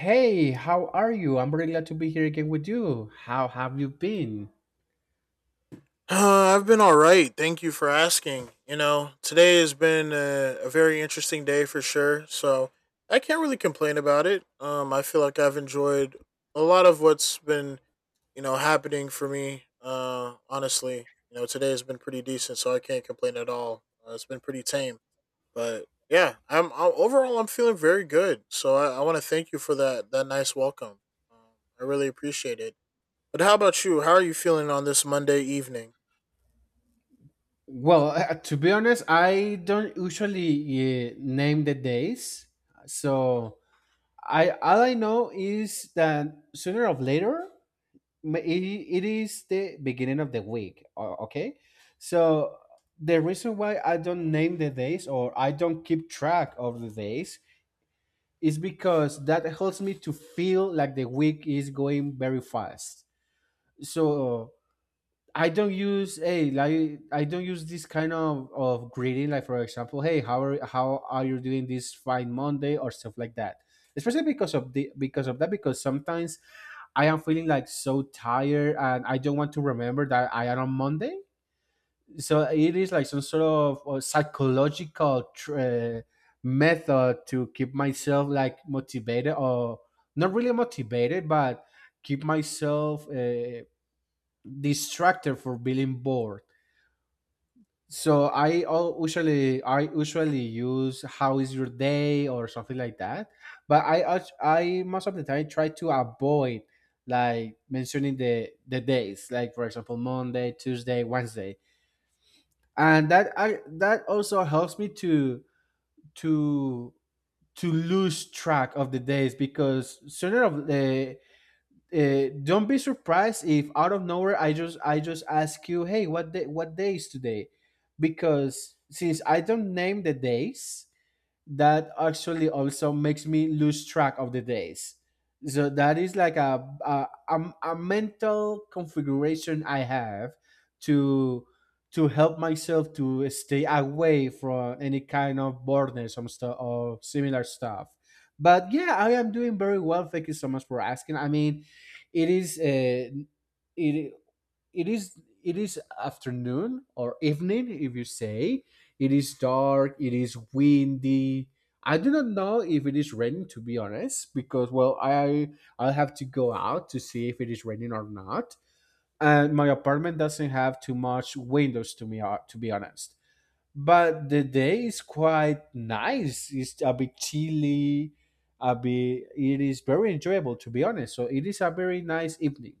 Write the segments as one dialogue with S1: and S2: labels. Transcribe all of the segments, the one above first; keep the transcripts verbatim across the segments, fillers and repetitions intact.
S1: Hey, how are you? I'm really glad to be here again with you. How have you been?
S2: Uh, I've been all right. Thank you for asking. You know, today has been a, a very interesting day for sure. So I can't really complain about it. Um, I feel like I've enjoyed a lot of what's been you know happening for me. Uh, honestly, you know, today has been pretty decent, so I can't complain at all. Uh, it's been pretty tame, but yeah, I'm, I'm overall I'm feeling very good. So I, I want to thank you for that that nice welcome. Um, I really appreciate it. But how about you? How are you feeling on this Monday evening?
S1: Well, uh, to be honest, I don't usually uh, name the days. So I all I know is that sooner or later ma- it, it is the beginning of the week. o- Okay, so the reason why I don't name the days or I don't keep track of the days is because that helps me to feel like the week is going very fast. So I don't use hey, like I don't use this kind of of greeting, like for example, hey, how are how are you doing this fine Monday, or stuff like that, especially because of the because of that, because sometimes I am feeling like so tired and I don't want to remember that I am on Monday. So it is like some sort of uh, psychological tr- uh, method to keep myself like motivated, or not really motivated, but keep myself uh, distractor for feeling bored. So I al- usually I usually use how is your day or something like that. But I als- I most of the time try to avoid like mentioning the the days, like for example Monday, Tuesday, Wednesday, and that I, that also helps me to to to lose track of the days, because sooner of the uh, don't be surprised if out of nowhere I just I just ask you, hey, what day what day is today? Because since I don't name the days, that actually also makes me lose track of the days. So that is like a a, a, a mental configuration I have to to help myself to stay away from any kind of boredom or stuff or similar stuff. But yeah, I am doing very well. Thank you so much for asking. I mean, it is uh, it it is it is afternoon or evening, if you say. It is dark, it is windy. I do not know if it is raining, to be honest, because, well, i I'll have to go out to see if it is raining or not, and my apartment doesn't have too much windows to me, uh, to be honest. But the day is quite nice, it's a bit chilly, a bit it is very enjoyable, to be honest. So it is a very nice evening.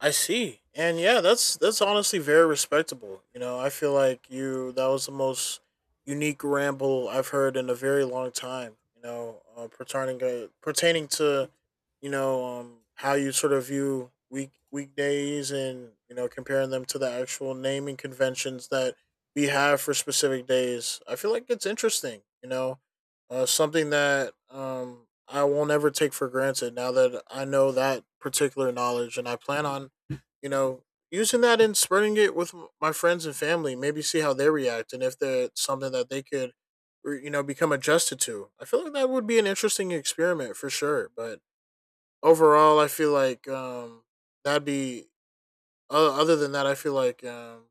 S2: I see. And yeah, that's that's honestly very respectable. You know, I feel like you that was the most unique ramble I've heard in a very long time. You know, uh, pertaining uh, pertaining to you know um, how you sort of view week weekdays and you know comparing them to the actual naming conventions that we have for specific days. I feel like it's interesting. You know, uh, something that um, I won't ever take for granted now that I know that particular knowledge and I plan on you know, using that and spreading it with m- my friends and family, maybe see how they react and if they're something that they could, or, you know, become adjusted to. I feel like that would be an interesting experiment for sure. But overall, I feel like um, that'd be, o- other than that, I feel like um,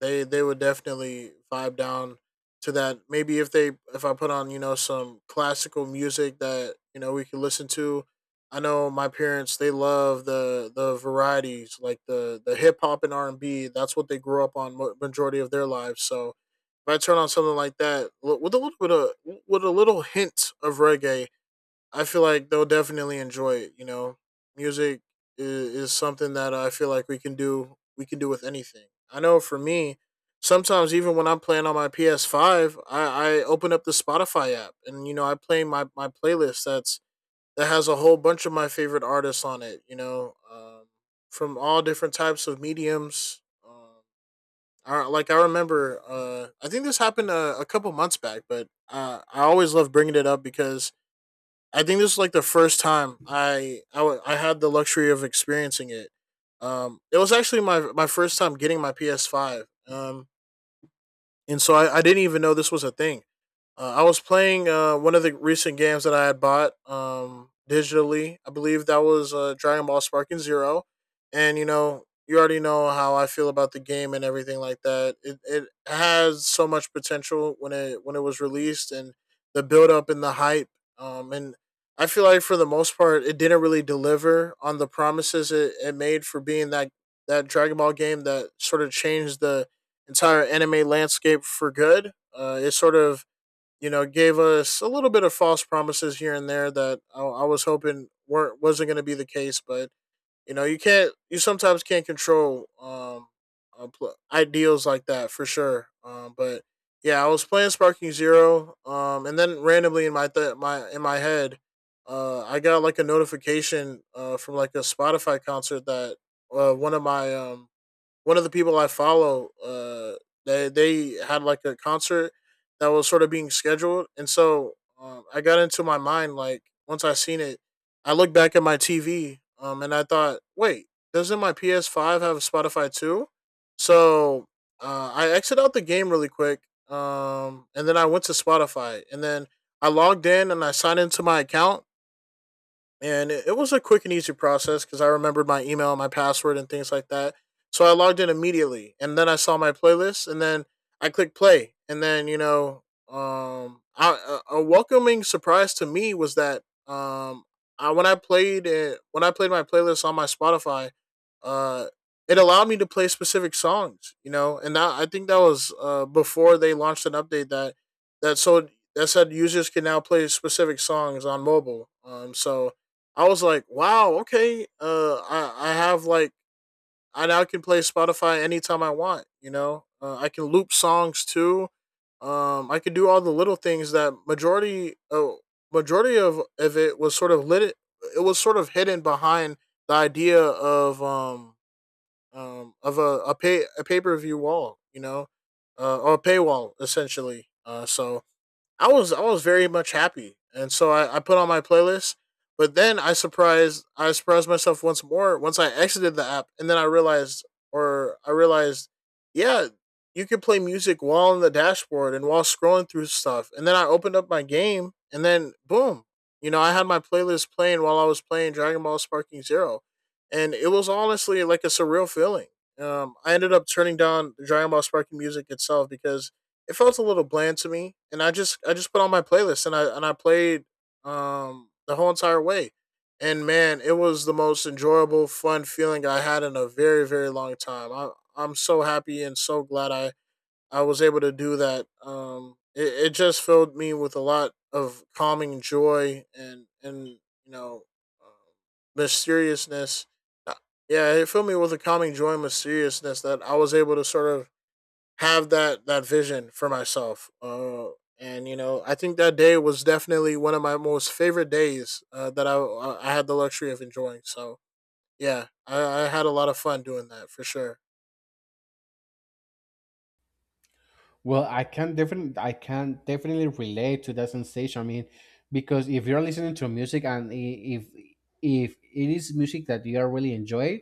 S2: they they would definitely vibe down to that. Maybe if they if I put on you know some classical music that you know we could listen to. I know my parents they love the the varieties like the the hip hop and R and B. That's what they grew up on mo- majority of their lives. So if I turn on something like that li- with a little bit of with a little hint of reggae I feel like they'll definitely enjoy it. You know, music is, is something that I feel like we can do. We can do with anything. I know for me, sometimes even when I'm playing on my P S five, I, I open up the Spotify app and you know I play my my playlist that's that has a whole bunch of my favorite artists on it. You know, um, from all different types of mediums. Um, I, like I remember, uh, I think this happened a, a couple months back, but uh, I always love bringing it up because I think this is like the first time I I, w- I had the luxury of experiencing it. Um, it was actually my my first time getting my P S five. Um, and so I, I didn't even know this was a thing. Uh, I was playing uh, one of the recent games that I had bought um, digitally. I believe that was uh, Dragon Ball Sparking Zero, and you know, you already know how I feel about the game and everything like that. It it has so much potential when it when it was released and the build up and the hype. Um, and I feel like for the most part, it didn't really deliver on the promises it, it made for being that that Dragon Ball game that sort of changed the entire anime landscape for good. Uh, it sort of You know, gave us a little bit of false promises here and there that I, I was hoping weren't wasn't going to be the case. But you know, you can't, you sometimes can't control um, uh, pl- ideals like that for sure. Um, but yeah, I was playing Sparking Zero, um, and then randomly in my th- my in my head, uh, I got like a notification uh, from like a Spotify concert that uh, one of my um, one of the people I follow, uh, they they had like a concert that was sort of being scheduled, and so um, I got into my mind like once I seen it, I looked back at my T V, um, and I thought, wait, doesn't my P S Five have Spotify too? So uh, I exited out the game really quick, um, and then I went to Spotify, and then I logged in and I signed into my account, and it, it was a quick and easy process because I remembered my email, my password, and things like that. So I logged in immediately, and then I saw my playlist, and then I clicked play, and then you know, um, I, a a welcoming surprise to me was that um, I, when I played it, when I played my playlist on my Spotify, uh, it allowed me to play specific songs, you know, and that I think that was uh before they launched an update that that so that said users can now play specific songs on mobile. Um, so I was like, wow, okay. Uh, I I have like I now can play Spotify anytime I want. You know, uh, I can loop songs too. Um, I can do all the little things that majority uh, majority of of it was sort of lit. It was sort of hidden behind the idea of um um of a a pay a pay per view wall. You know, uh, or a paywall essentially. Uh, so I was I was very much happy, and so I, I put on my playlist. But then I surprised I surprised myself once more once I exited the app, and then I realized, or I realized, yeah, you could play music while on the dashboard and while scrolling through stuff. And then I opened up my game, and then boom, you know, I had my playlist playing while I was playing Dragon Ball Sparking Zero, and it was honestly like a surreal feeling. Um, I ended up turning down the Dragon Ball Sparking music itself because it felt a little bland to me, and I just I just put on my playlist and I and I played um the whole entire way, and man, it was the most enjoyable, fun feeling I had in a very very long time. I I'm so happy and so glad I I was able to do that. Um, it, it just filled me with a lot of calming joy and and you know um, mysteriousness. Uh, Yeah, it filled me with a calming joy and mysteriousness that I was able to sort of have that that vision for myself. Uh, and you know, I think that day was definitely one of my most favorite days uh, that I I had the luxury of enjoying. So yeah, I, I had a lot of fun doing that for sure.
S1: Well, I can definitely I can definitely relate to that sensation. I mean, because if you're listening to music, and i- if if it is music that you are really enjoying,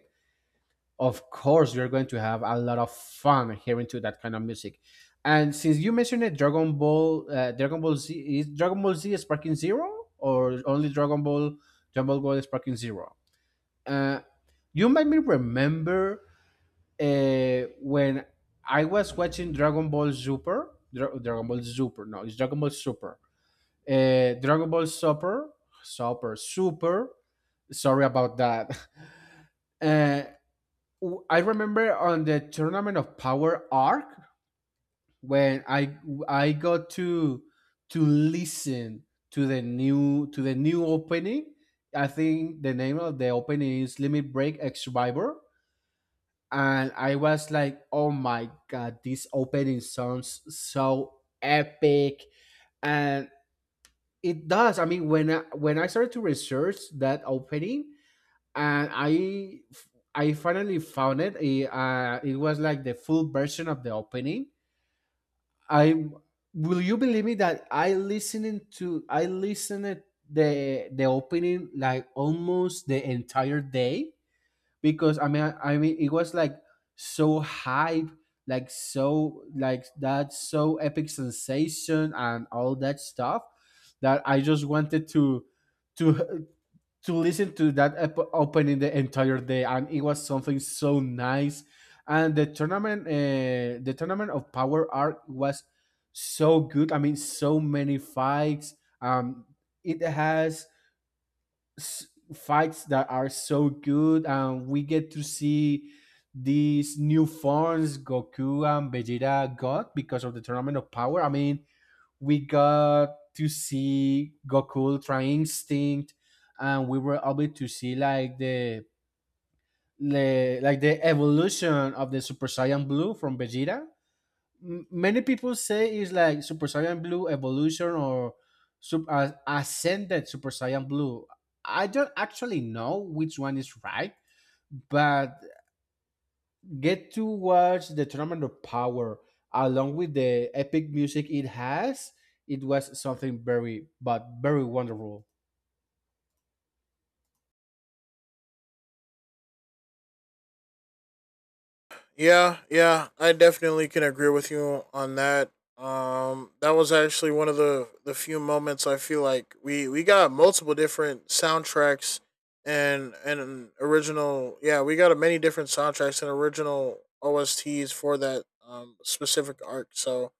S1: of course you're going to have a lot of fun hearing to that kind of music. And since you mentioned it, Dragon Ball, uh, Dragon Ball Z, is Dragon Ball Z Sparking Zero or only Dragon Ball Dragon Ball Gold Sparking Zero? Uh, you made me remember uh, when I was watching Dragon Ball Super, Dra- Dragon Ball Super, no, it's Dragon Ball Super, uh, Dragon Ball Super, Super, Super. Sorry about that. Uh, w- I remember on the Tournament of Power arc when I I got to to listen to the new to the new opening. I think the name of the opening is Limit Break X Survivor, and I was like, "Oh my god, this opening sounds so epic!" And it does. I mean, when I, when I started to research that opening, and I I finally found it. It, uh, it was like the full version of the opening. I Will you believe me that I listening to I listened the the opening like almost the entire day, because I mean I mean it was like so hype, like so like that so epic sensation and all that stuff, that I just wanted to to to listen to that ep- opening the entire day, and it was something so nice. And the tournament, uh, the Tournament of Power Arc was so good. I mean, so many fights. Um, it has s- fights that are so good, and we get to see these new forms Goku and Vegeta got because of the Tournament of Power. I mean, we got to see Goku Ultra Instinct, and we were able to see, like, the, the like the evolution of the Super Saiyan Blue from Vegeta. M- many people say it's like Super Saiyan Blue evolution or sub- uh, ascended Super Saiyan Blue. I don't actually know which one is right, but get to watch the Tournament of Power along with the epic music it has. It was something very, but very wonderful.
S2: Yeah, yeah, I definitely can agree with you on that. Um, that was actually one of the the few moments I feel like we we got multiple different soundtracks and and original. Yeah, we got many different soundtracks and original O S Ts for that um specific arc. So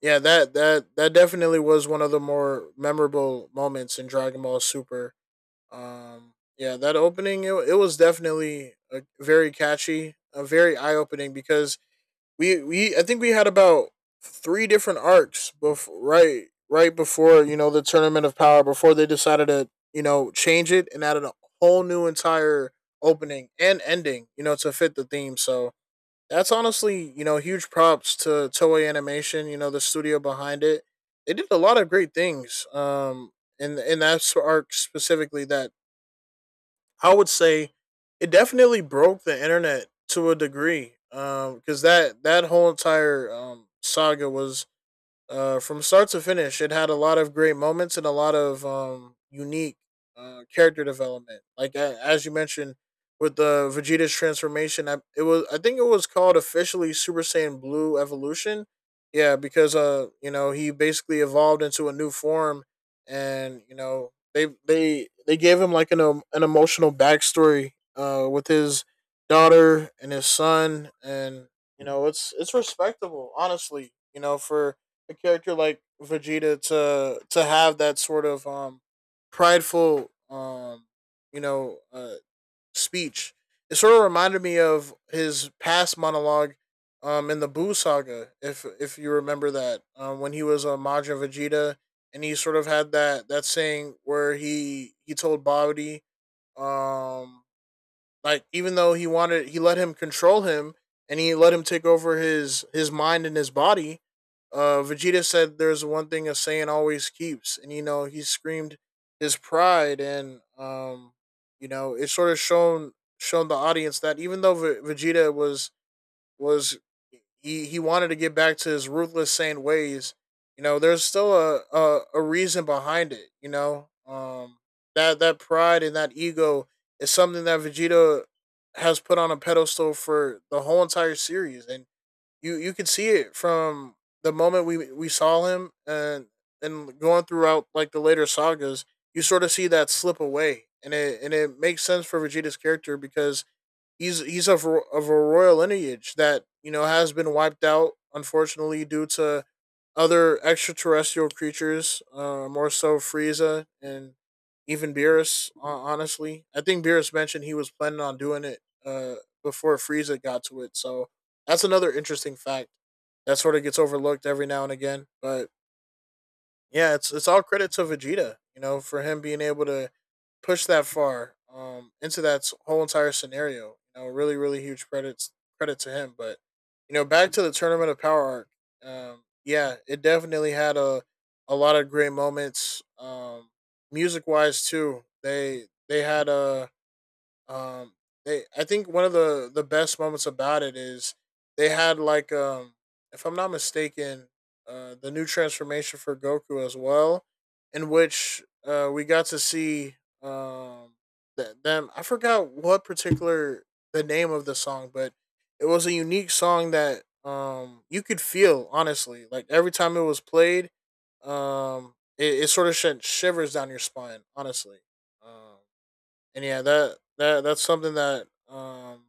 S2: yeah, that that that definitely was one of the more memorable moments in Dragon Ball Super. Um, yeah, that opening it, it was definitely uh very catchy, a very eye opening because we we I think we had about three different arcs before right right before you know the tournament of power before they decided to you know change it and added a whole new entire opening and ending you know to fit the theme so that's honestly you know huge props to Toei Animation you know the studio behind it. They did a lot of great things um in in that arc specifically that I would say it definitely broke the internet to a degree. Um, because that that whole entire um saga was uh, from start to finish, it had a lot of great moments and a lot of um, unique uh, character development. Like uh, as you mentioned with the Vegeta's transformation, I, it was I think it was called officially Super Saiyan Blue Evolution. Yeah, because uh, you know, he basically evolved into a new form, and you know, they they they gave him like an um, an emotional backstory uh with his daughter and his son, and you know, it's it's respectable, honestly. You know, for a character like Vegeta to to have that sort of um prideful um you know uh speech. It sort of reminded me of his past monologue um in the Buu saga, if if you remember that, um, when he was a uh, Majin Vegeta and he sort of had that that saying where he he told Bobby um like even though he wanted, he let him control him, and he let him take over his his mind and his body. Uh, Vegeta said, "There's one thing a Saiyan always keeps," and you know he screamed his pride, and um, you know it sort of shown shown the audience that even though v- Vegeta was was he he wanted to get back to his ruthless, sane ways. You know, there's still a a, a reason behind it. You know, um, that that pride and that ego is something that Vegeta has put on a pedestal for the whole entire series, and you you can see it from the moment we we saw him and and going throughout like the later sagas. You sort of see that slip away, and it and it makes sense for Vegeta's character because he's he's of of a royal lineage that you know has been wiped out unfortunately due to other extraterrestrial creatures, uh, more so Frieza and even Beerus. Uh, honestly, I think Beerus mentioned he was planning on doing it uh, before Frieza got to it, so that's another interesting fact that sort of gets overlooked every now and again, but yeah, it's it's all credit to Vegeta, you know, for him being able to push that far um, into that s- whole entire scenario. You know, really, really huge credits credit to him. But you know, back to the Tournament of Power arc. Um, yeah, it definitely had a a lot of great moments. Um, music wise too, they they had a um, they I think one of the the best moments about it is they had like um, if I'm not mistaken, uh, the new transformation for Goku as well, in which uh we got to see um th- them. I forgot what particular the name of the song, but it was a unique song that um you could feel honestly like every time it was played um it, it sort of sent shivers down your spine honestly. um and yeah, that that that's something that um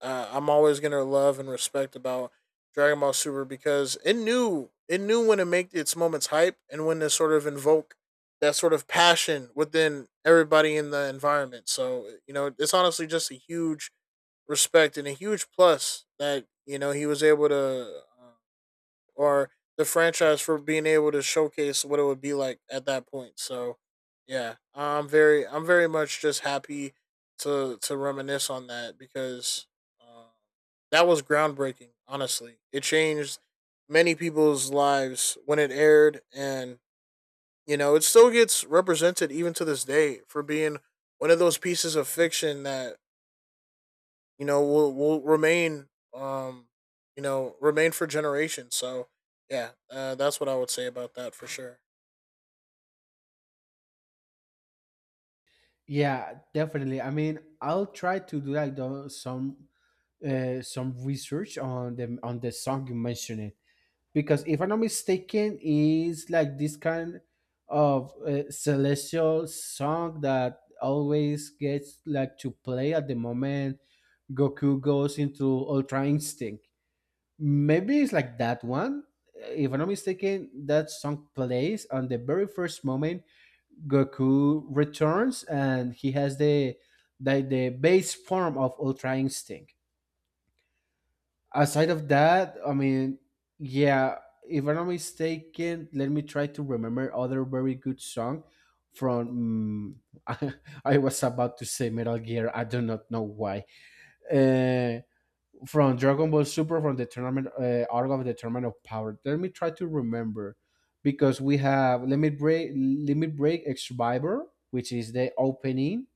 S2: uh, I'm always gonna love and respect about Dragon Ball Super because it knew it knew when to make its moments hype and when to sort of invoke that sort of passion within everybody in the environment. So eh, you know, it's honestly just a huge respect and a huge plus that you know he was able to uh, or the franchise for being able to showcase what it would be like at that point. So, yeah, I'm very I'm very much just happy to to reminisce on that because uh, that was groundbreaking. Honestly, it changed many people's lives when it aired, and you know it still gets represented even to this day for being one of those pieces of fiction that you know will will remain um you know remain for generations. So yeah, uh, that's what I would say about that for sure.
S1: Yeah, definitely. I mean, I'll try to do, like, the, some uh, some research on the on the song you mentioned, because if I'm not mistaken, is like this kind of uh, celestial song that always gets, like, to play at the moment Goku goes into Ultra Instinct. Maybe it's like that one. If I'm not mistaken, that song plays on the very first moment Goku returns and he has the the, the base form of Ultra Instinct. Aside of that, I mean, yeah, if I'm not mistaken, let me try to remember other very good song from. I was about to say Metal Gear. I do not know why. Uh, from Dragon Ball Super, from the tournament, uh, Arc of the Tournament of Power. Let me try to remember, because we have Limit Break, Limit Break X Survivor, which is the opening,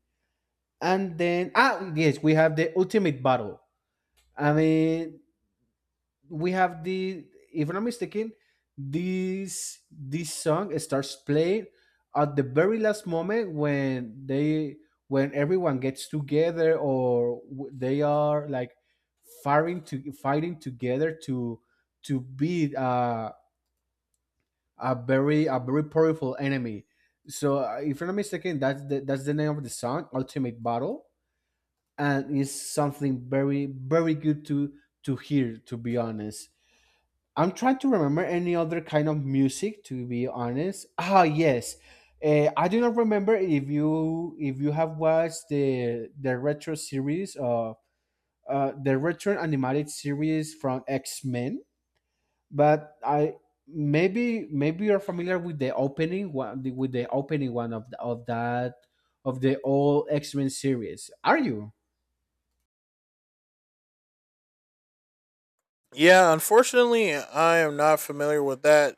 S1: and then, ah yes, we have the Ultimate Battle. I mean, we have the if I'm not mistaken, this this song starts playing at the very last moment when they when everyone gets together, or w- they are like fighting to fighting together to to beat uh, a very a very powerful enemy. So uh, if I'm not mistaken, that's the that's the name of the song, Ultimate Battle, and it's something very, very good to to hear. To be honest, I'm trying to remember any other kind of music, to be honest. Ah yes. Uh, I do not remember if you if you have watched the the retro series of uh, the retro animated series from X-Men, but I, maybe maybe you're familiar with the opening one with the opening one of the, of that of the old X-Men series. Are you?
S2: Yeah, unfortunately, I am not familiar with that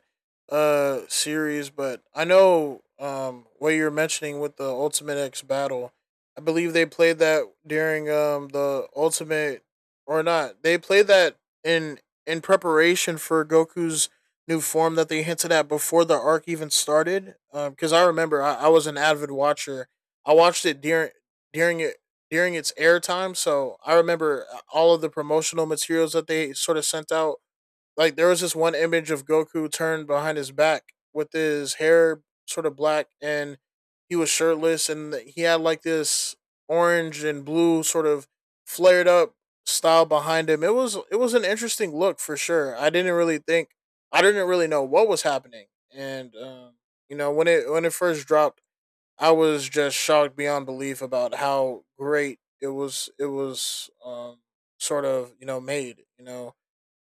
S2: uh series, but I know um what you're mentioning with the Ultimate X Battle. I believe they played that during um the Ultimate or not. They played that in in preparation for Goku's new form that they hinted at before the arc even started. Um, because I remember I, I was an avid watcher. I watched it during during it during its airtime. So I remember uh, all of the promotional materials that they sort of sent out. Like there was this one image of Goku turned behind his back with his hair sort of black and he was shirtless and he had like this orange and blue sort of flared up style behind him. It was it was an interesting look for sure. I didn't really think I didn't really know what was happening, and um, you know when it when it first dropped I was just shocked beyond belief about how great it was. It was um, sort of you know made you know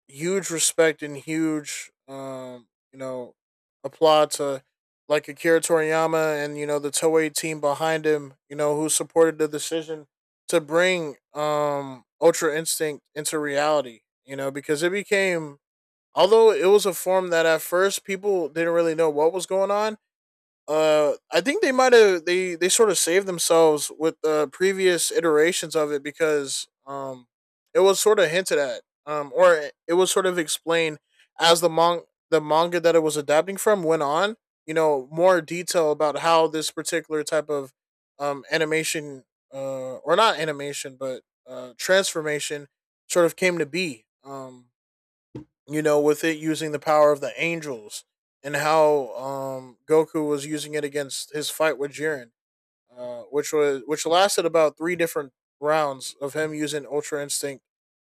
S2: huge respect and huge um, you know applaud to like Akira Toriyama and you know the Toei team behind him. You know who supported the decision to bring um, Ultra Instinct into reality. You know because it became, although it was a form that at first people didn't really know what was going on, uh I think they might have they they sort of saved themselves with the previous iterations of it because um it was sort of hinted at, um or it- it was sort of explained as the mong the manga that it was adapting from went on. You know, more detail about how this particular type of um animation, uh or not animation but uh transformation, sort of came to be, um you know, with it using the power of the angels and how um, Goku was using it against his fight with Jiren, uh, which was which lasted about three different rounds of him using Ultra Instinct,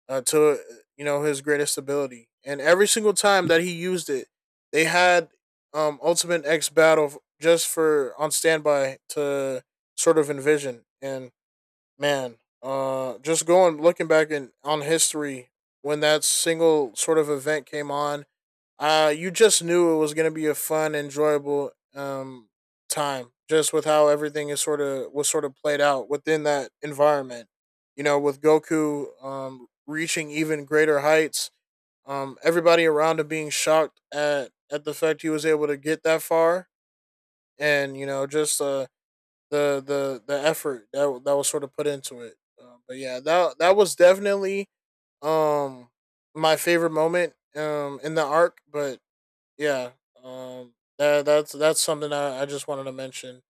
S2: uh, to you know his greatest ability, and every single time that he used it, they had, um, Ultimate X Battle just for on standby to sort of envision. And man, uh, just going looking back in on history when that single sort of event came on, uh, you just knew it was going to be a fun, enjoyable um, time, just with how everything is sort of was sort of played out within that environment. You know, with Goku um, reaching even greater heights, um, everybody around him being shocked at at the fact he was able to get that far, and you know, just uh, the the the effort that that was sort of put into it. Uh, but yeah, that that was definitely um my favorite moment um in the arc, but yeah, um, that that's that's something I, I just wanted to mention.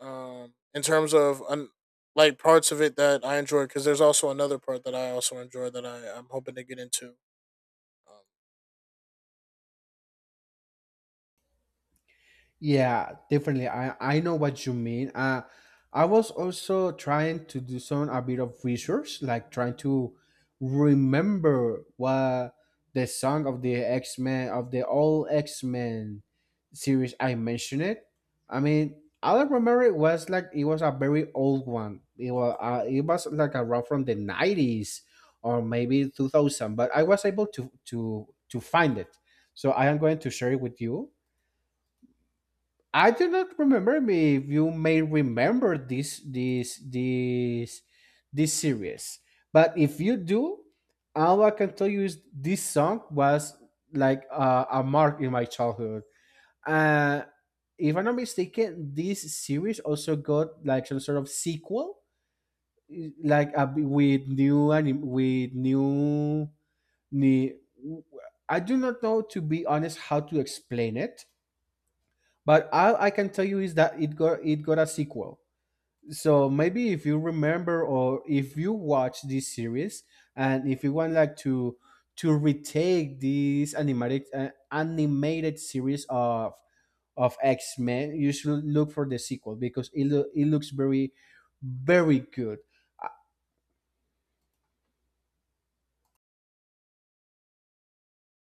S2: Um, in terms of un, Like parts of it that I enjoy, because there's also another part that I also enjoy that I I'm hoping to get into. Um,
S1: Yeah, definitely. I I know what you mean. Uh, I was also trying to do some a bit of research, like trying to remember what the song of the X Men of the old X Men series I mentioned it. I mean, all I remember, it was like it was a very old one. It was uh, it was like around from the nineties or maybe two thousand. But I was able to to to find it. So I am going to share it with you. I do not remember if you may remember this this this this series, but if you do, all I can tell you is this song was like, uh, a mark in my childhood. Uh, if I'm not mistaken, this series also got like some sort of sequel, i- like a, b- with new anim- with new, new. I do not know, to be honest, how to explain it, but all I can tell you is that it got it got a sequel. So maybe if you remember, or if you watch this series, and if you want, like, to to retake this animated uh, animated series of of X Men, you should look for the sequel, because it loo- it looks very, very good. Uh,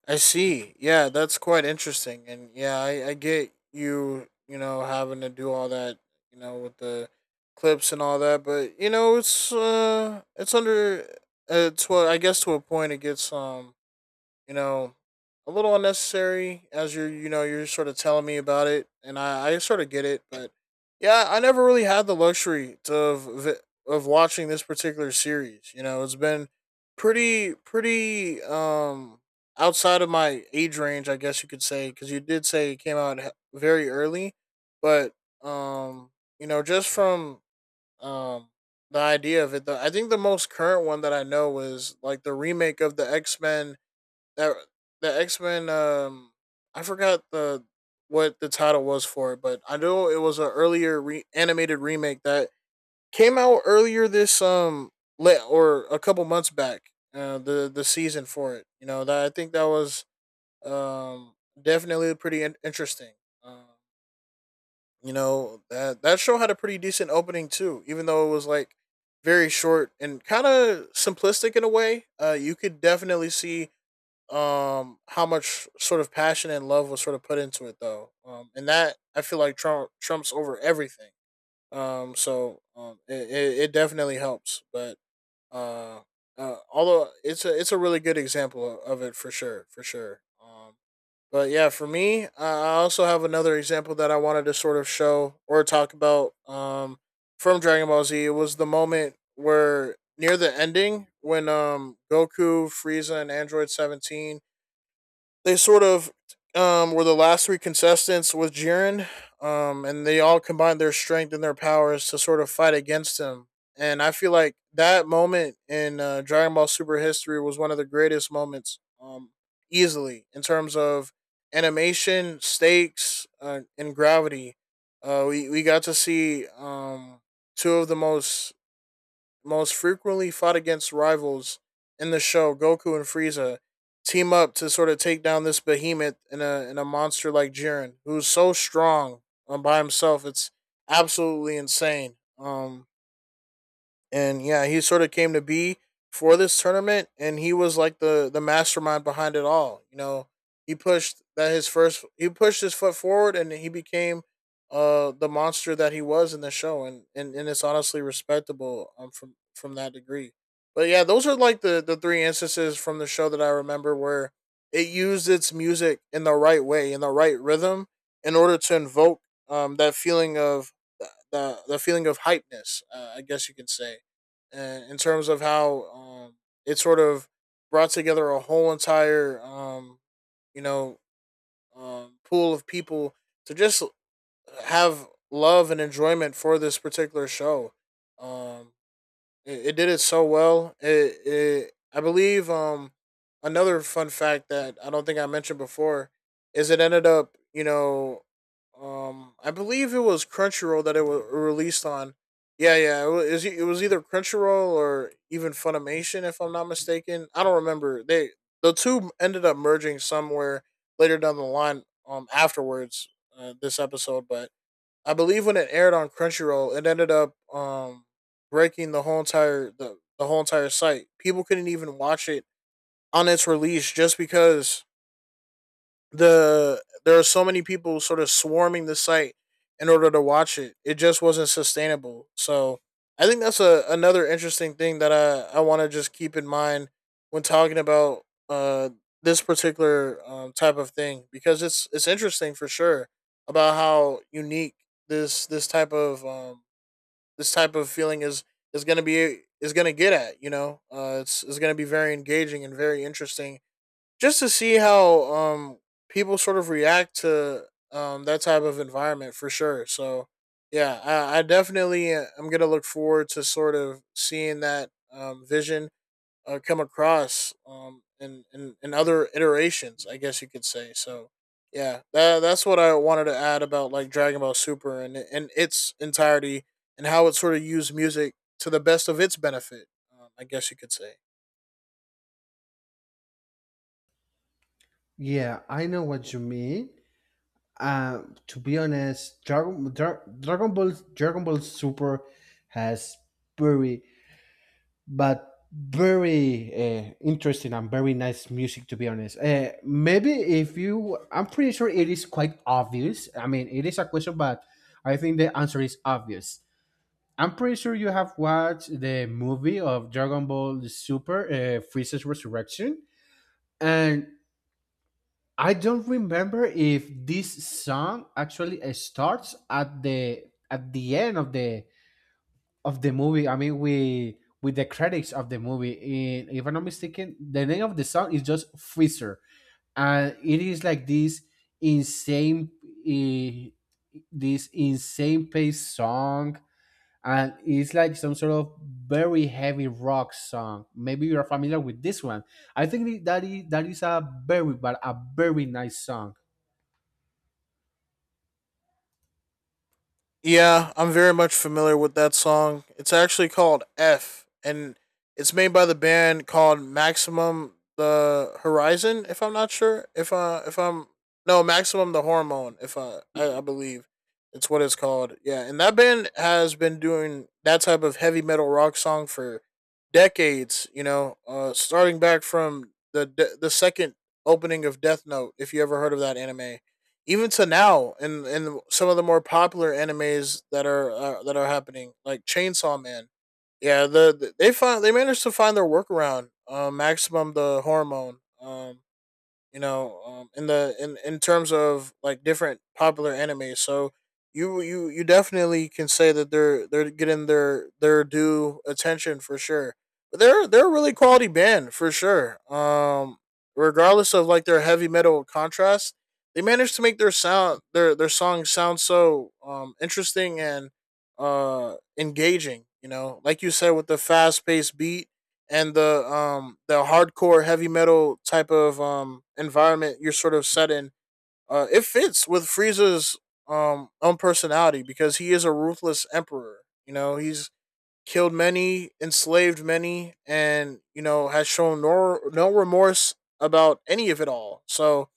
S2: I see. Yeah, that's quite interesting, and yeah, I I get you. You know, having to do all that. You know, with the clips and all that, but you know, it's uh, it's under. It's what I guess to a point it gets um you know, a little unnecessary as you're, you know, you're sort of telling me about it, and I, I sort of get it, but yeah, I never really had the luxury to of, of watching this particular series. You know, it's been pretty, pretty, um, outside of my age range, I guess you could say, because you did say it came out very early, but, um, you know, just from, um, the idea of it, the, I think the most current one that I know was like the remake of the X Men that the X Men. Um, I forgot the what the title was for it, but I know it was an earlier re- animated remake that came out earlier this um le- or a couple months back. Uh, the the season for it, you know that I think that was um definitely pretty in- interesting. Um, you know that that show had a pretty decent opening too, even though it was like very short and kind of simplistic in a way. Uh, you could definitely see um how much sort of passion and love was sort of put into it though, um and that I feel like trump trumps over everything. Um so um it, it, it definitely helps, but uh, uh although it's a it's a really good example of it for sure for sure. Um but yeah, for me, i I also have another example that I wanted to sort of show or talk about, um from Dragon Ball Z. It was the moment where near the ending when um Goku, Frieza and Android seventeen they sort of um, were the last three contestants with Jiren, um, and they all combined their strength and their powers to sort of fight against him. And I feel like that moment in uh, Dragon Ball Super history was one of the greatest moments, um, easily in terms of animation, stakes, uh, and gravity. Uh, we we got to see um, two of the most most frequently fought against rivals in the show, Goku and Frieza, team up to sort of take down this behemoth and a in a monster like Jiren, who's so strong um, by himself. It's absolutely insane. Um, and yeah, he sort of came to be for this tournament, and he was like the the mastermind behind it all. You know, he pushed that his first he pushed his foot forward, and he became uh the monster that he was in the show, and and, and it's honestly respectable um from from that degree. But yeah, those are like the the three instances from the show that I remember where it used its music in the right way, in the right rhythm, in order to invoke um that feeling of the the feeling of hypeness, uh, I guess you can say uh, in terms of how um, it sort of brought together a whole entire um, you know um, pool of people to just have love and enjoyment for this particular show. Um, it, it did it so well. It, it I believe, um another fun fact that I don't think I mentioned before is it ended up, you know um I believe it was Crunchyroll that it was released on. Yeah, yeah, it was e, it was either Crunchyroll or even Funimation, if I'm not mistaken. I don't remember. They the two ended up merging somewhere later down the line, um afterwards uh, this episode. But I believe when it aired on Crunchyroll, it ended up, um breaking the whole entire, the, the whole entire site. People couldn't even watch it on its release just because the there are so many people sort of swarming the site in order to watch it. It just wasn't sustainable. So I think that's a another interesting thing that I I want to just keep in mind when talking about uh this particular, um, type of thing, because it's it's interesting for sure, about how unique this this type of, um this type of feeling is is going to be is going to get at, you know uh it's it's going to be very engaging and very interesting, just to see how, um people sort of react to, um that type of environment for sure. So yeah, I, I definitely uh, am gonna look forward to sort of seeing that, um, vision uh, come across, um in, in in other iterations, I guess you could say. So yeah, that that's what I wanted to add about like Dragon Ball Super and and its entirety, and how it sort of used music to the best of its benefit. Um, I guess you could say.
S1: yeah, I know what you mean. Uh, to be honest, Dragon Dra- Dragon Ball Dragon Ball Super has very, but very uh, interesting and very nice music, to be honest. Uh, maybe, if you I'm pretty sure it is quite obvious, I mean, it is a question, but I think the answer is obvious. I'm pretty sure you have watched the movie of Dragon Ball Super, uh, Freeze's Resurrection, and I don't remember if this song actually uh, starts at the at the end of the of the movie. I mean, we with the credits of the movie. And if I'm not mistaken, the name of the song is just Freezer, and it is like this insane, eh, this insane pace song, and it's like some sort of very heavy rock song. Maybe you're familiar with this one. I think that is, that is a very, but a very nice song.
S2: Yeah, I'm very much familiar with that song. It's actually called F, and it's made by the band called Maximum the Horizon. If I'm not sure, if uh, if I'm no, Maximum the Hormone. If I, I, I believe it's what it's called. Yeah, and that band has been doing that type of heavy metal rock song for decades. You know, uh, starting back from the the second opening of Death Note, if you ever heard of that anime, even to now, in in some of the more popular animes that are, uh, that are happening, like Chainsaw Man. Yeah, the, the- they find they managed to find their workaround, uh, Maximum the Hormone, um you know um, in the, in, in terms of like different popular anime. So you you you definitely can say that they're they're getting their their due attention for sure, but they're they're a really quality band for sure, um regardless of like their heavy metal contrast. They managed to make their sound, their their songs sound so, um interesting and uh engaging, you know, like you said, with the fast paced beat and the, um the hardcore heavy metal type of, um environment you're sort of set in. uh, it fits with Frieza's, um own personality, because he is a ruthless emperor. You know, he's killed many, enslaved many, and you know has shown no no remorse about any of it all. So,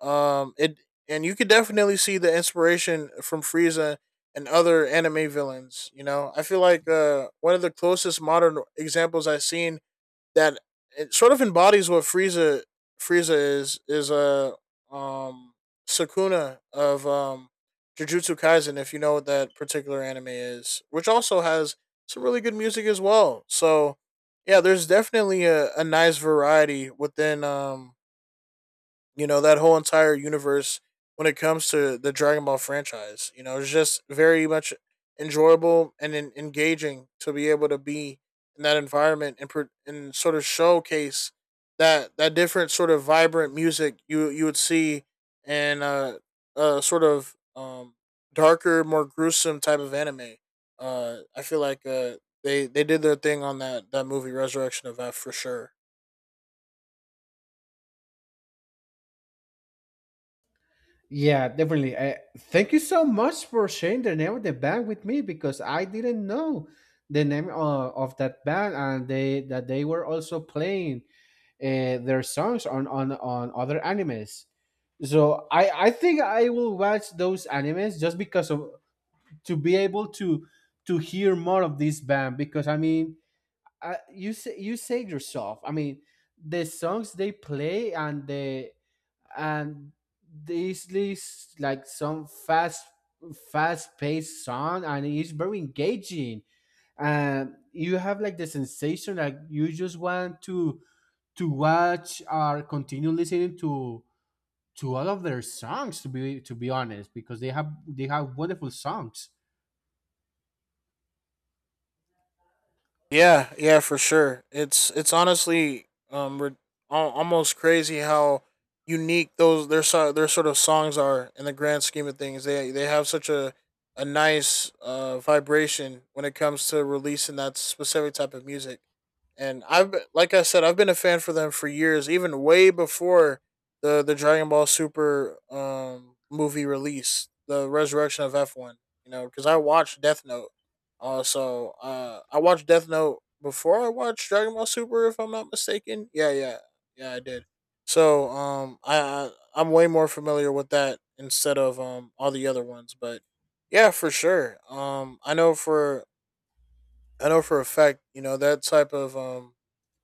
S2: um it and you could definitely see the inspiration from Frieza and other anime villains. You know, I feel like uh one of the closest modern examples I've seen, that it sort of embodies what Frieza Frieza is is a, um Sakuna of, um Jujutsu Kaisen, if you know what that particular anime is, which also has some really good music as well. So yeah, there's definitely a, a nice variety within, um you know, that whole entire universe when it comes to the Dragon Ball franchise. You know, it's just very much enjoyable and en- engaging to be able to be in that environment, and pro- and sort of showcase that that different sort of vibrant music you you would see in a, a sort of, um, darker, more gruesome type of anime. Uh, I feel like uh, they they did their thing on that that movie, Resurrection of F, for sure.
S1: Yeah, definitely. Uh, thank you so much for sharing the name of the band with me, because I didn't know the name uh, of that band and they that they were also playing uh, their songs on, on on other animes. So I I think I will watch those animes, just because of, to be able to to hear more of this band, because I mean, I, you say you say yourself, I mean, the songs they play, and the and this is like some fast fast paced song, and it's very engaging, and you have like the sensation, like you just want to to watch, or continue listening to to all of their songs, to be to be honest, because they have they have wonderful songs.
S2: Yeah, yeah, for sure. It's it's honestly um re- al- almost crazy how unique those their so- their sort of songs are in the grand scheme of things. They they have such a a nice uh vibration when it comes to releasing that specific type of music. And I've be- like I said, I've been a fan for them for years, even way before the the Dragon Ball Super, um movie release, the Resurrection of F, you know, cuz I watched Death Note. uh, so uh, I watched Death Note before I watched Dragon Ball Super, if I'm not mistaken. Yeah, yeah, yeah, I did. So, um, I, I I'm way more familiar with that, instead of, um all the other ones, but yeah, for sure. Um, I know for I know for a fact, you know, that type of, um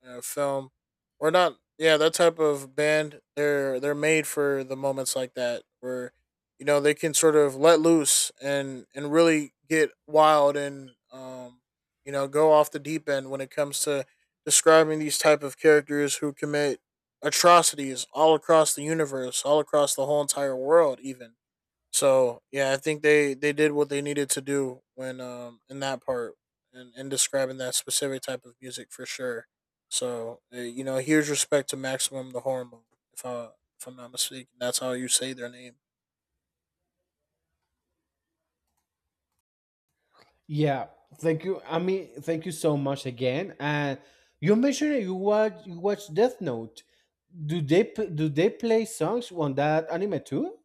S2: uh, film, or not, yeah, that type of band. They're they're made for the moments like that, where you know they can sort of let loose and and really get wild and, um you know, go off the deep end when it comes to describing these type of characters who commit atrocities all across the universe, all across the whole entire world, even. So yeah, I think they they did what they needed to do when, um in that part, and in describing that specific type of music for sure. So uh, you know, here's respect to Maximum the Hormone. If I, if I'm not mistaken, that's how you say their name.
S1: Yeah, thank you, I mean, thank you so much again. And you mentioned that you watch you watch Death Note. Do they p- Do they play songs on that anime too?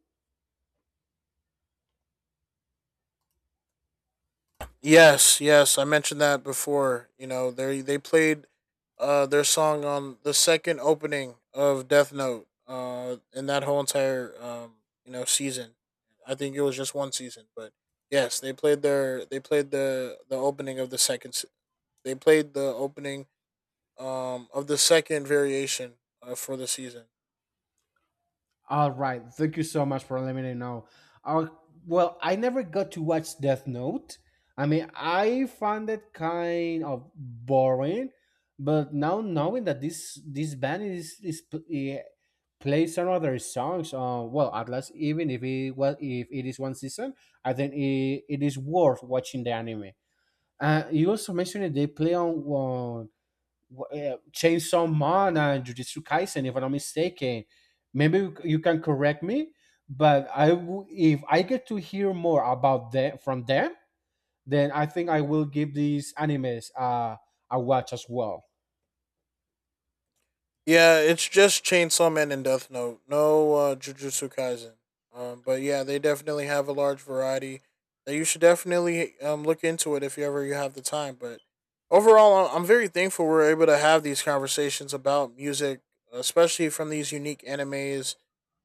S2: Yes, yes, I mentioned that before. You know, they they played uh their song on the second opening of Death Note, uh in that whole entire, um you know season. I think it was just one season, but yes, they played their they played the the opening of the second se- they played the opening, um of the second variation, uh, for the season.
S1: All right. Thank you so much for letting me know. Uh, well, I never got to watch Death Note. I mean, I found it kind of boring, but now knowing that this this band is is pl- eh, plays some other songs, uh, well, at least, even if it was if it is one season, I think it, it is worth watching the anime. Uh, you also mentioned that they play on uh, Chainsaw Man and Jujutsu Kaisen, if I'm not mistaken. Maybe you- can correct me, but I w- if I get to hear more about them, from them, then I think I will give these animes uh, a watch as well.
S2: Yeah, it's just Chainsaw Man and Death Note. No uh, Jujutsu Kaisen. Um, but yeah, they definitely have a large variety that you should definitely, um, look into it if you ever you have the time. But overall, I- I'm very thankful we're able to have these conversations about music, especially from these unique animes.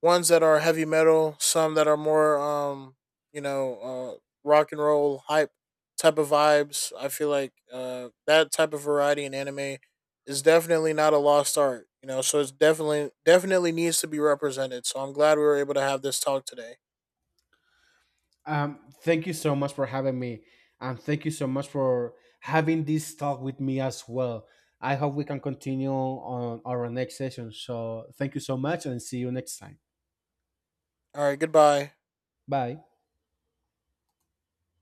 S2: Ones that are heavy metal, some that are more, um, you know, uh, rock and roll hype type of vibes. I feel like uh, that type of variety in anime is definitely not a lost art, you know. So it's definitely definitely needs to be represented. So I'm glad we were able to have this talk today.
S1: Um, thank you so much for having me, and thank you so much for having this talk with me as well. I hope we can continue on our next session. So thank you so much, and see you next time.
S2: All right, goodbye.
S1: Bye.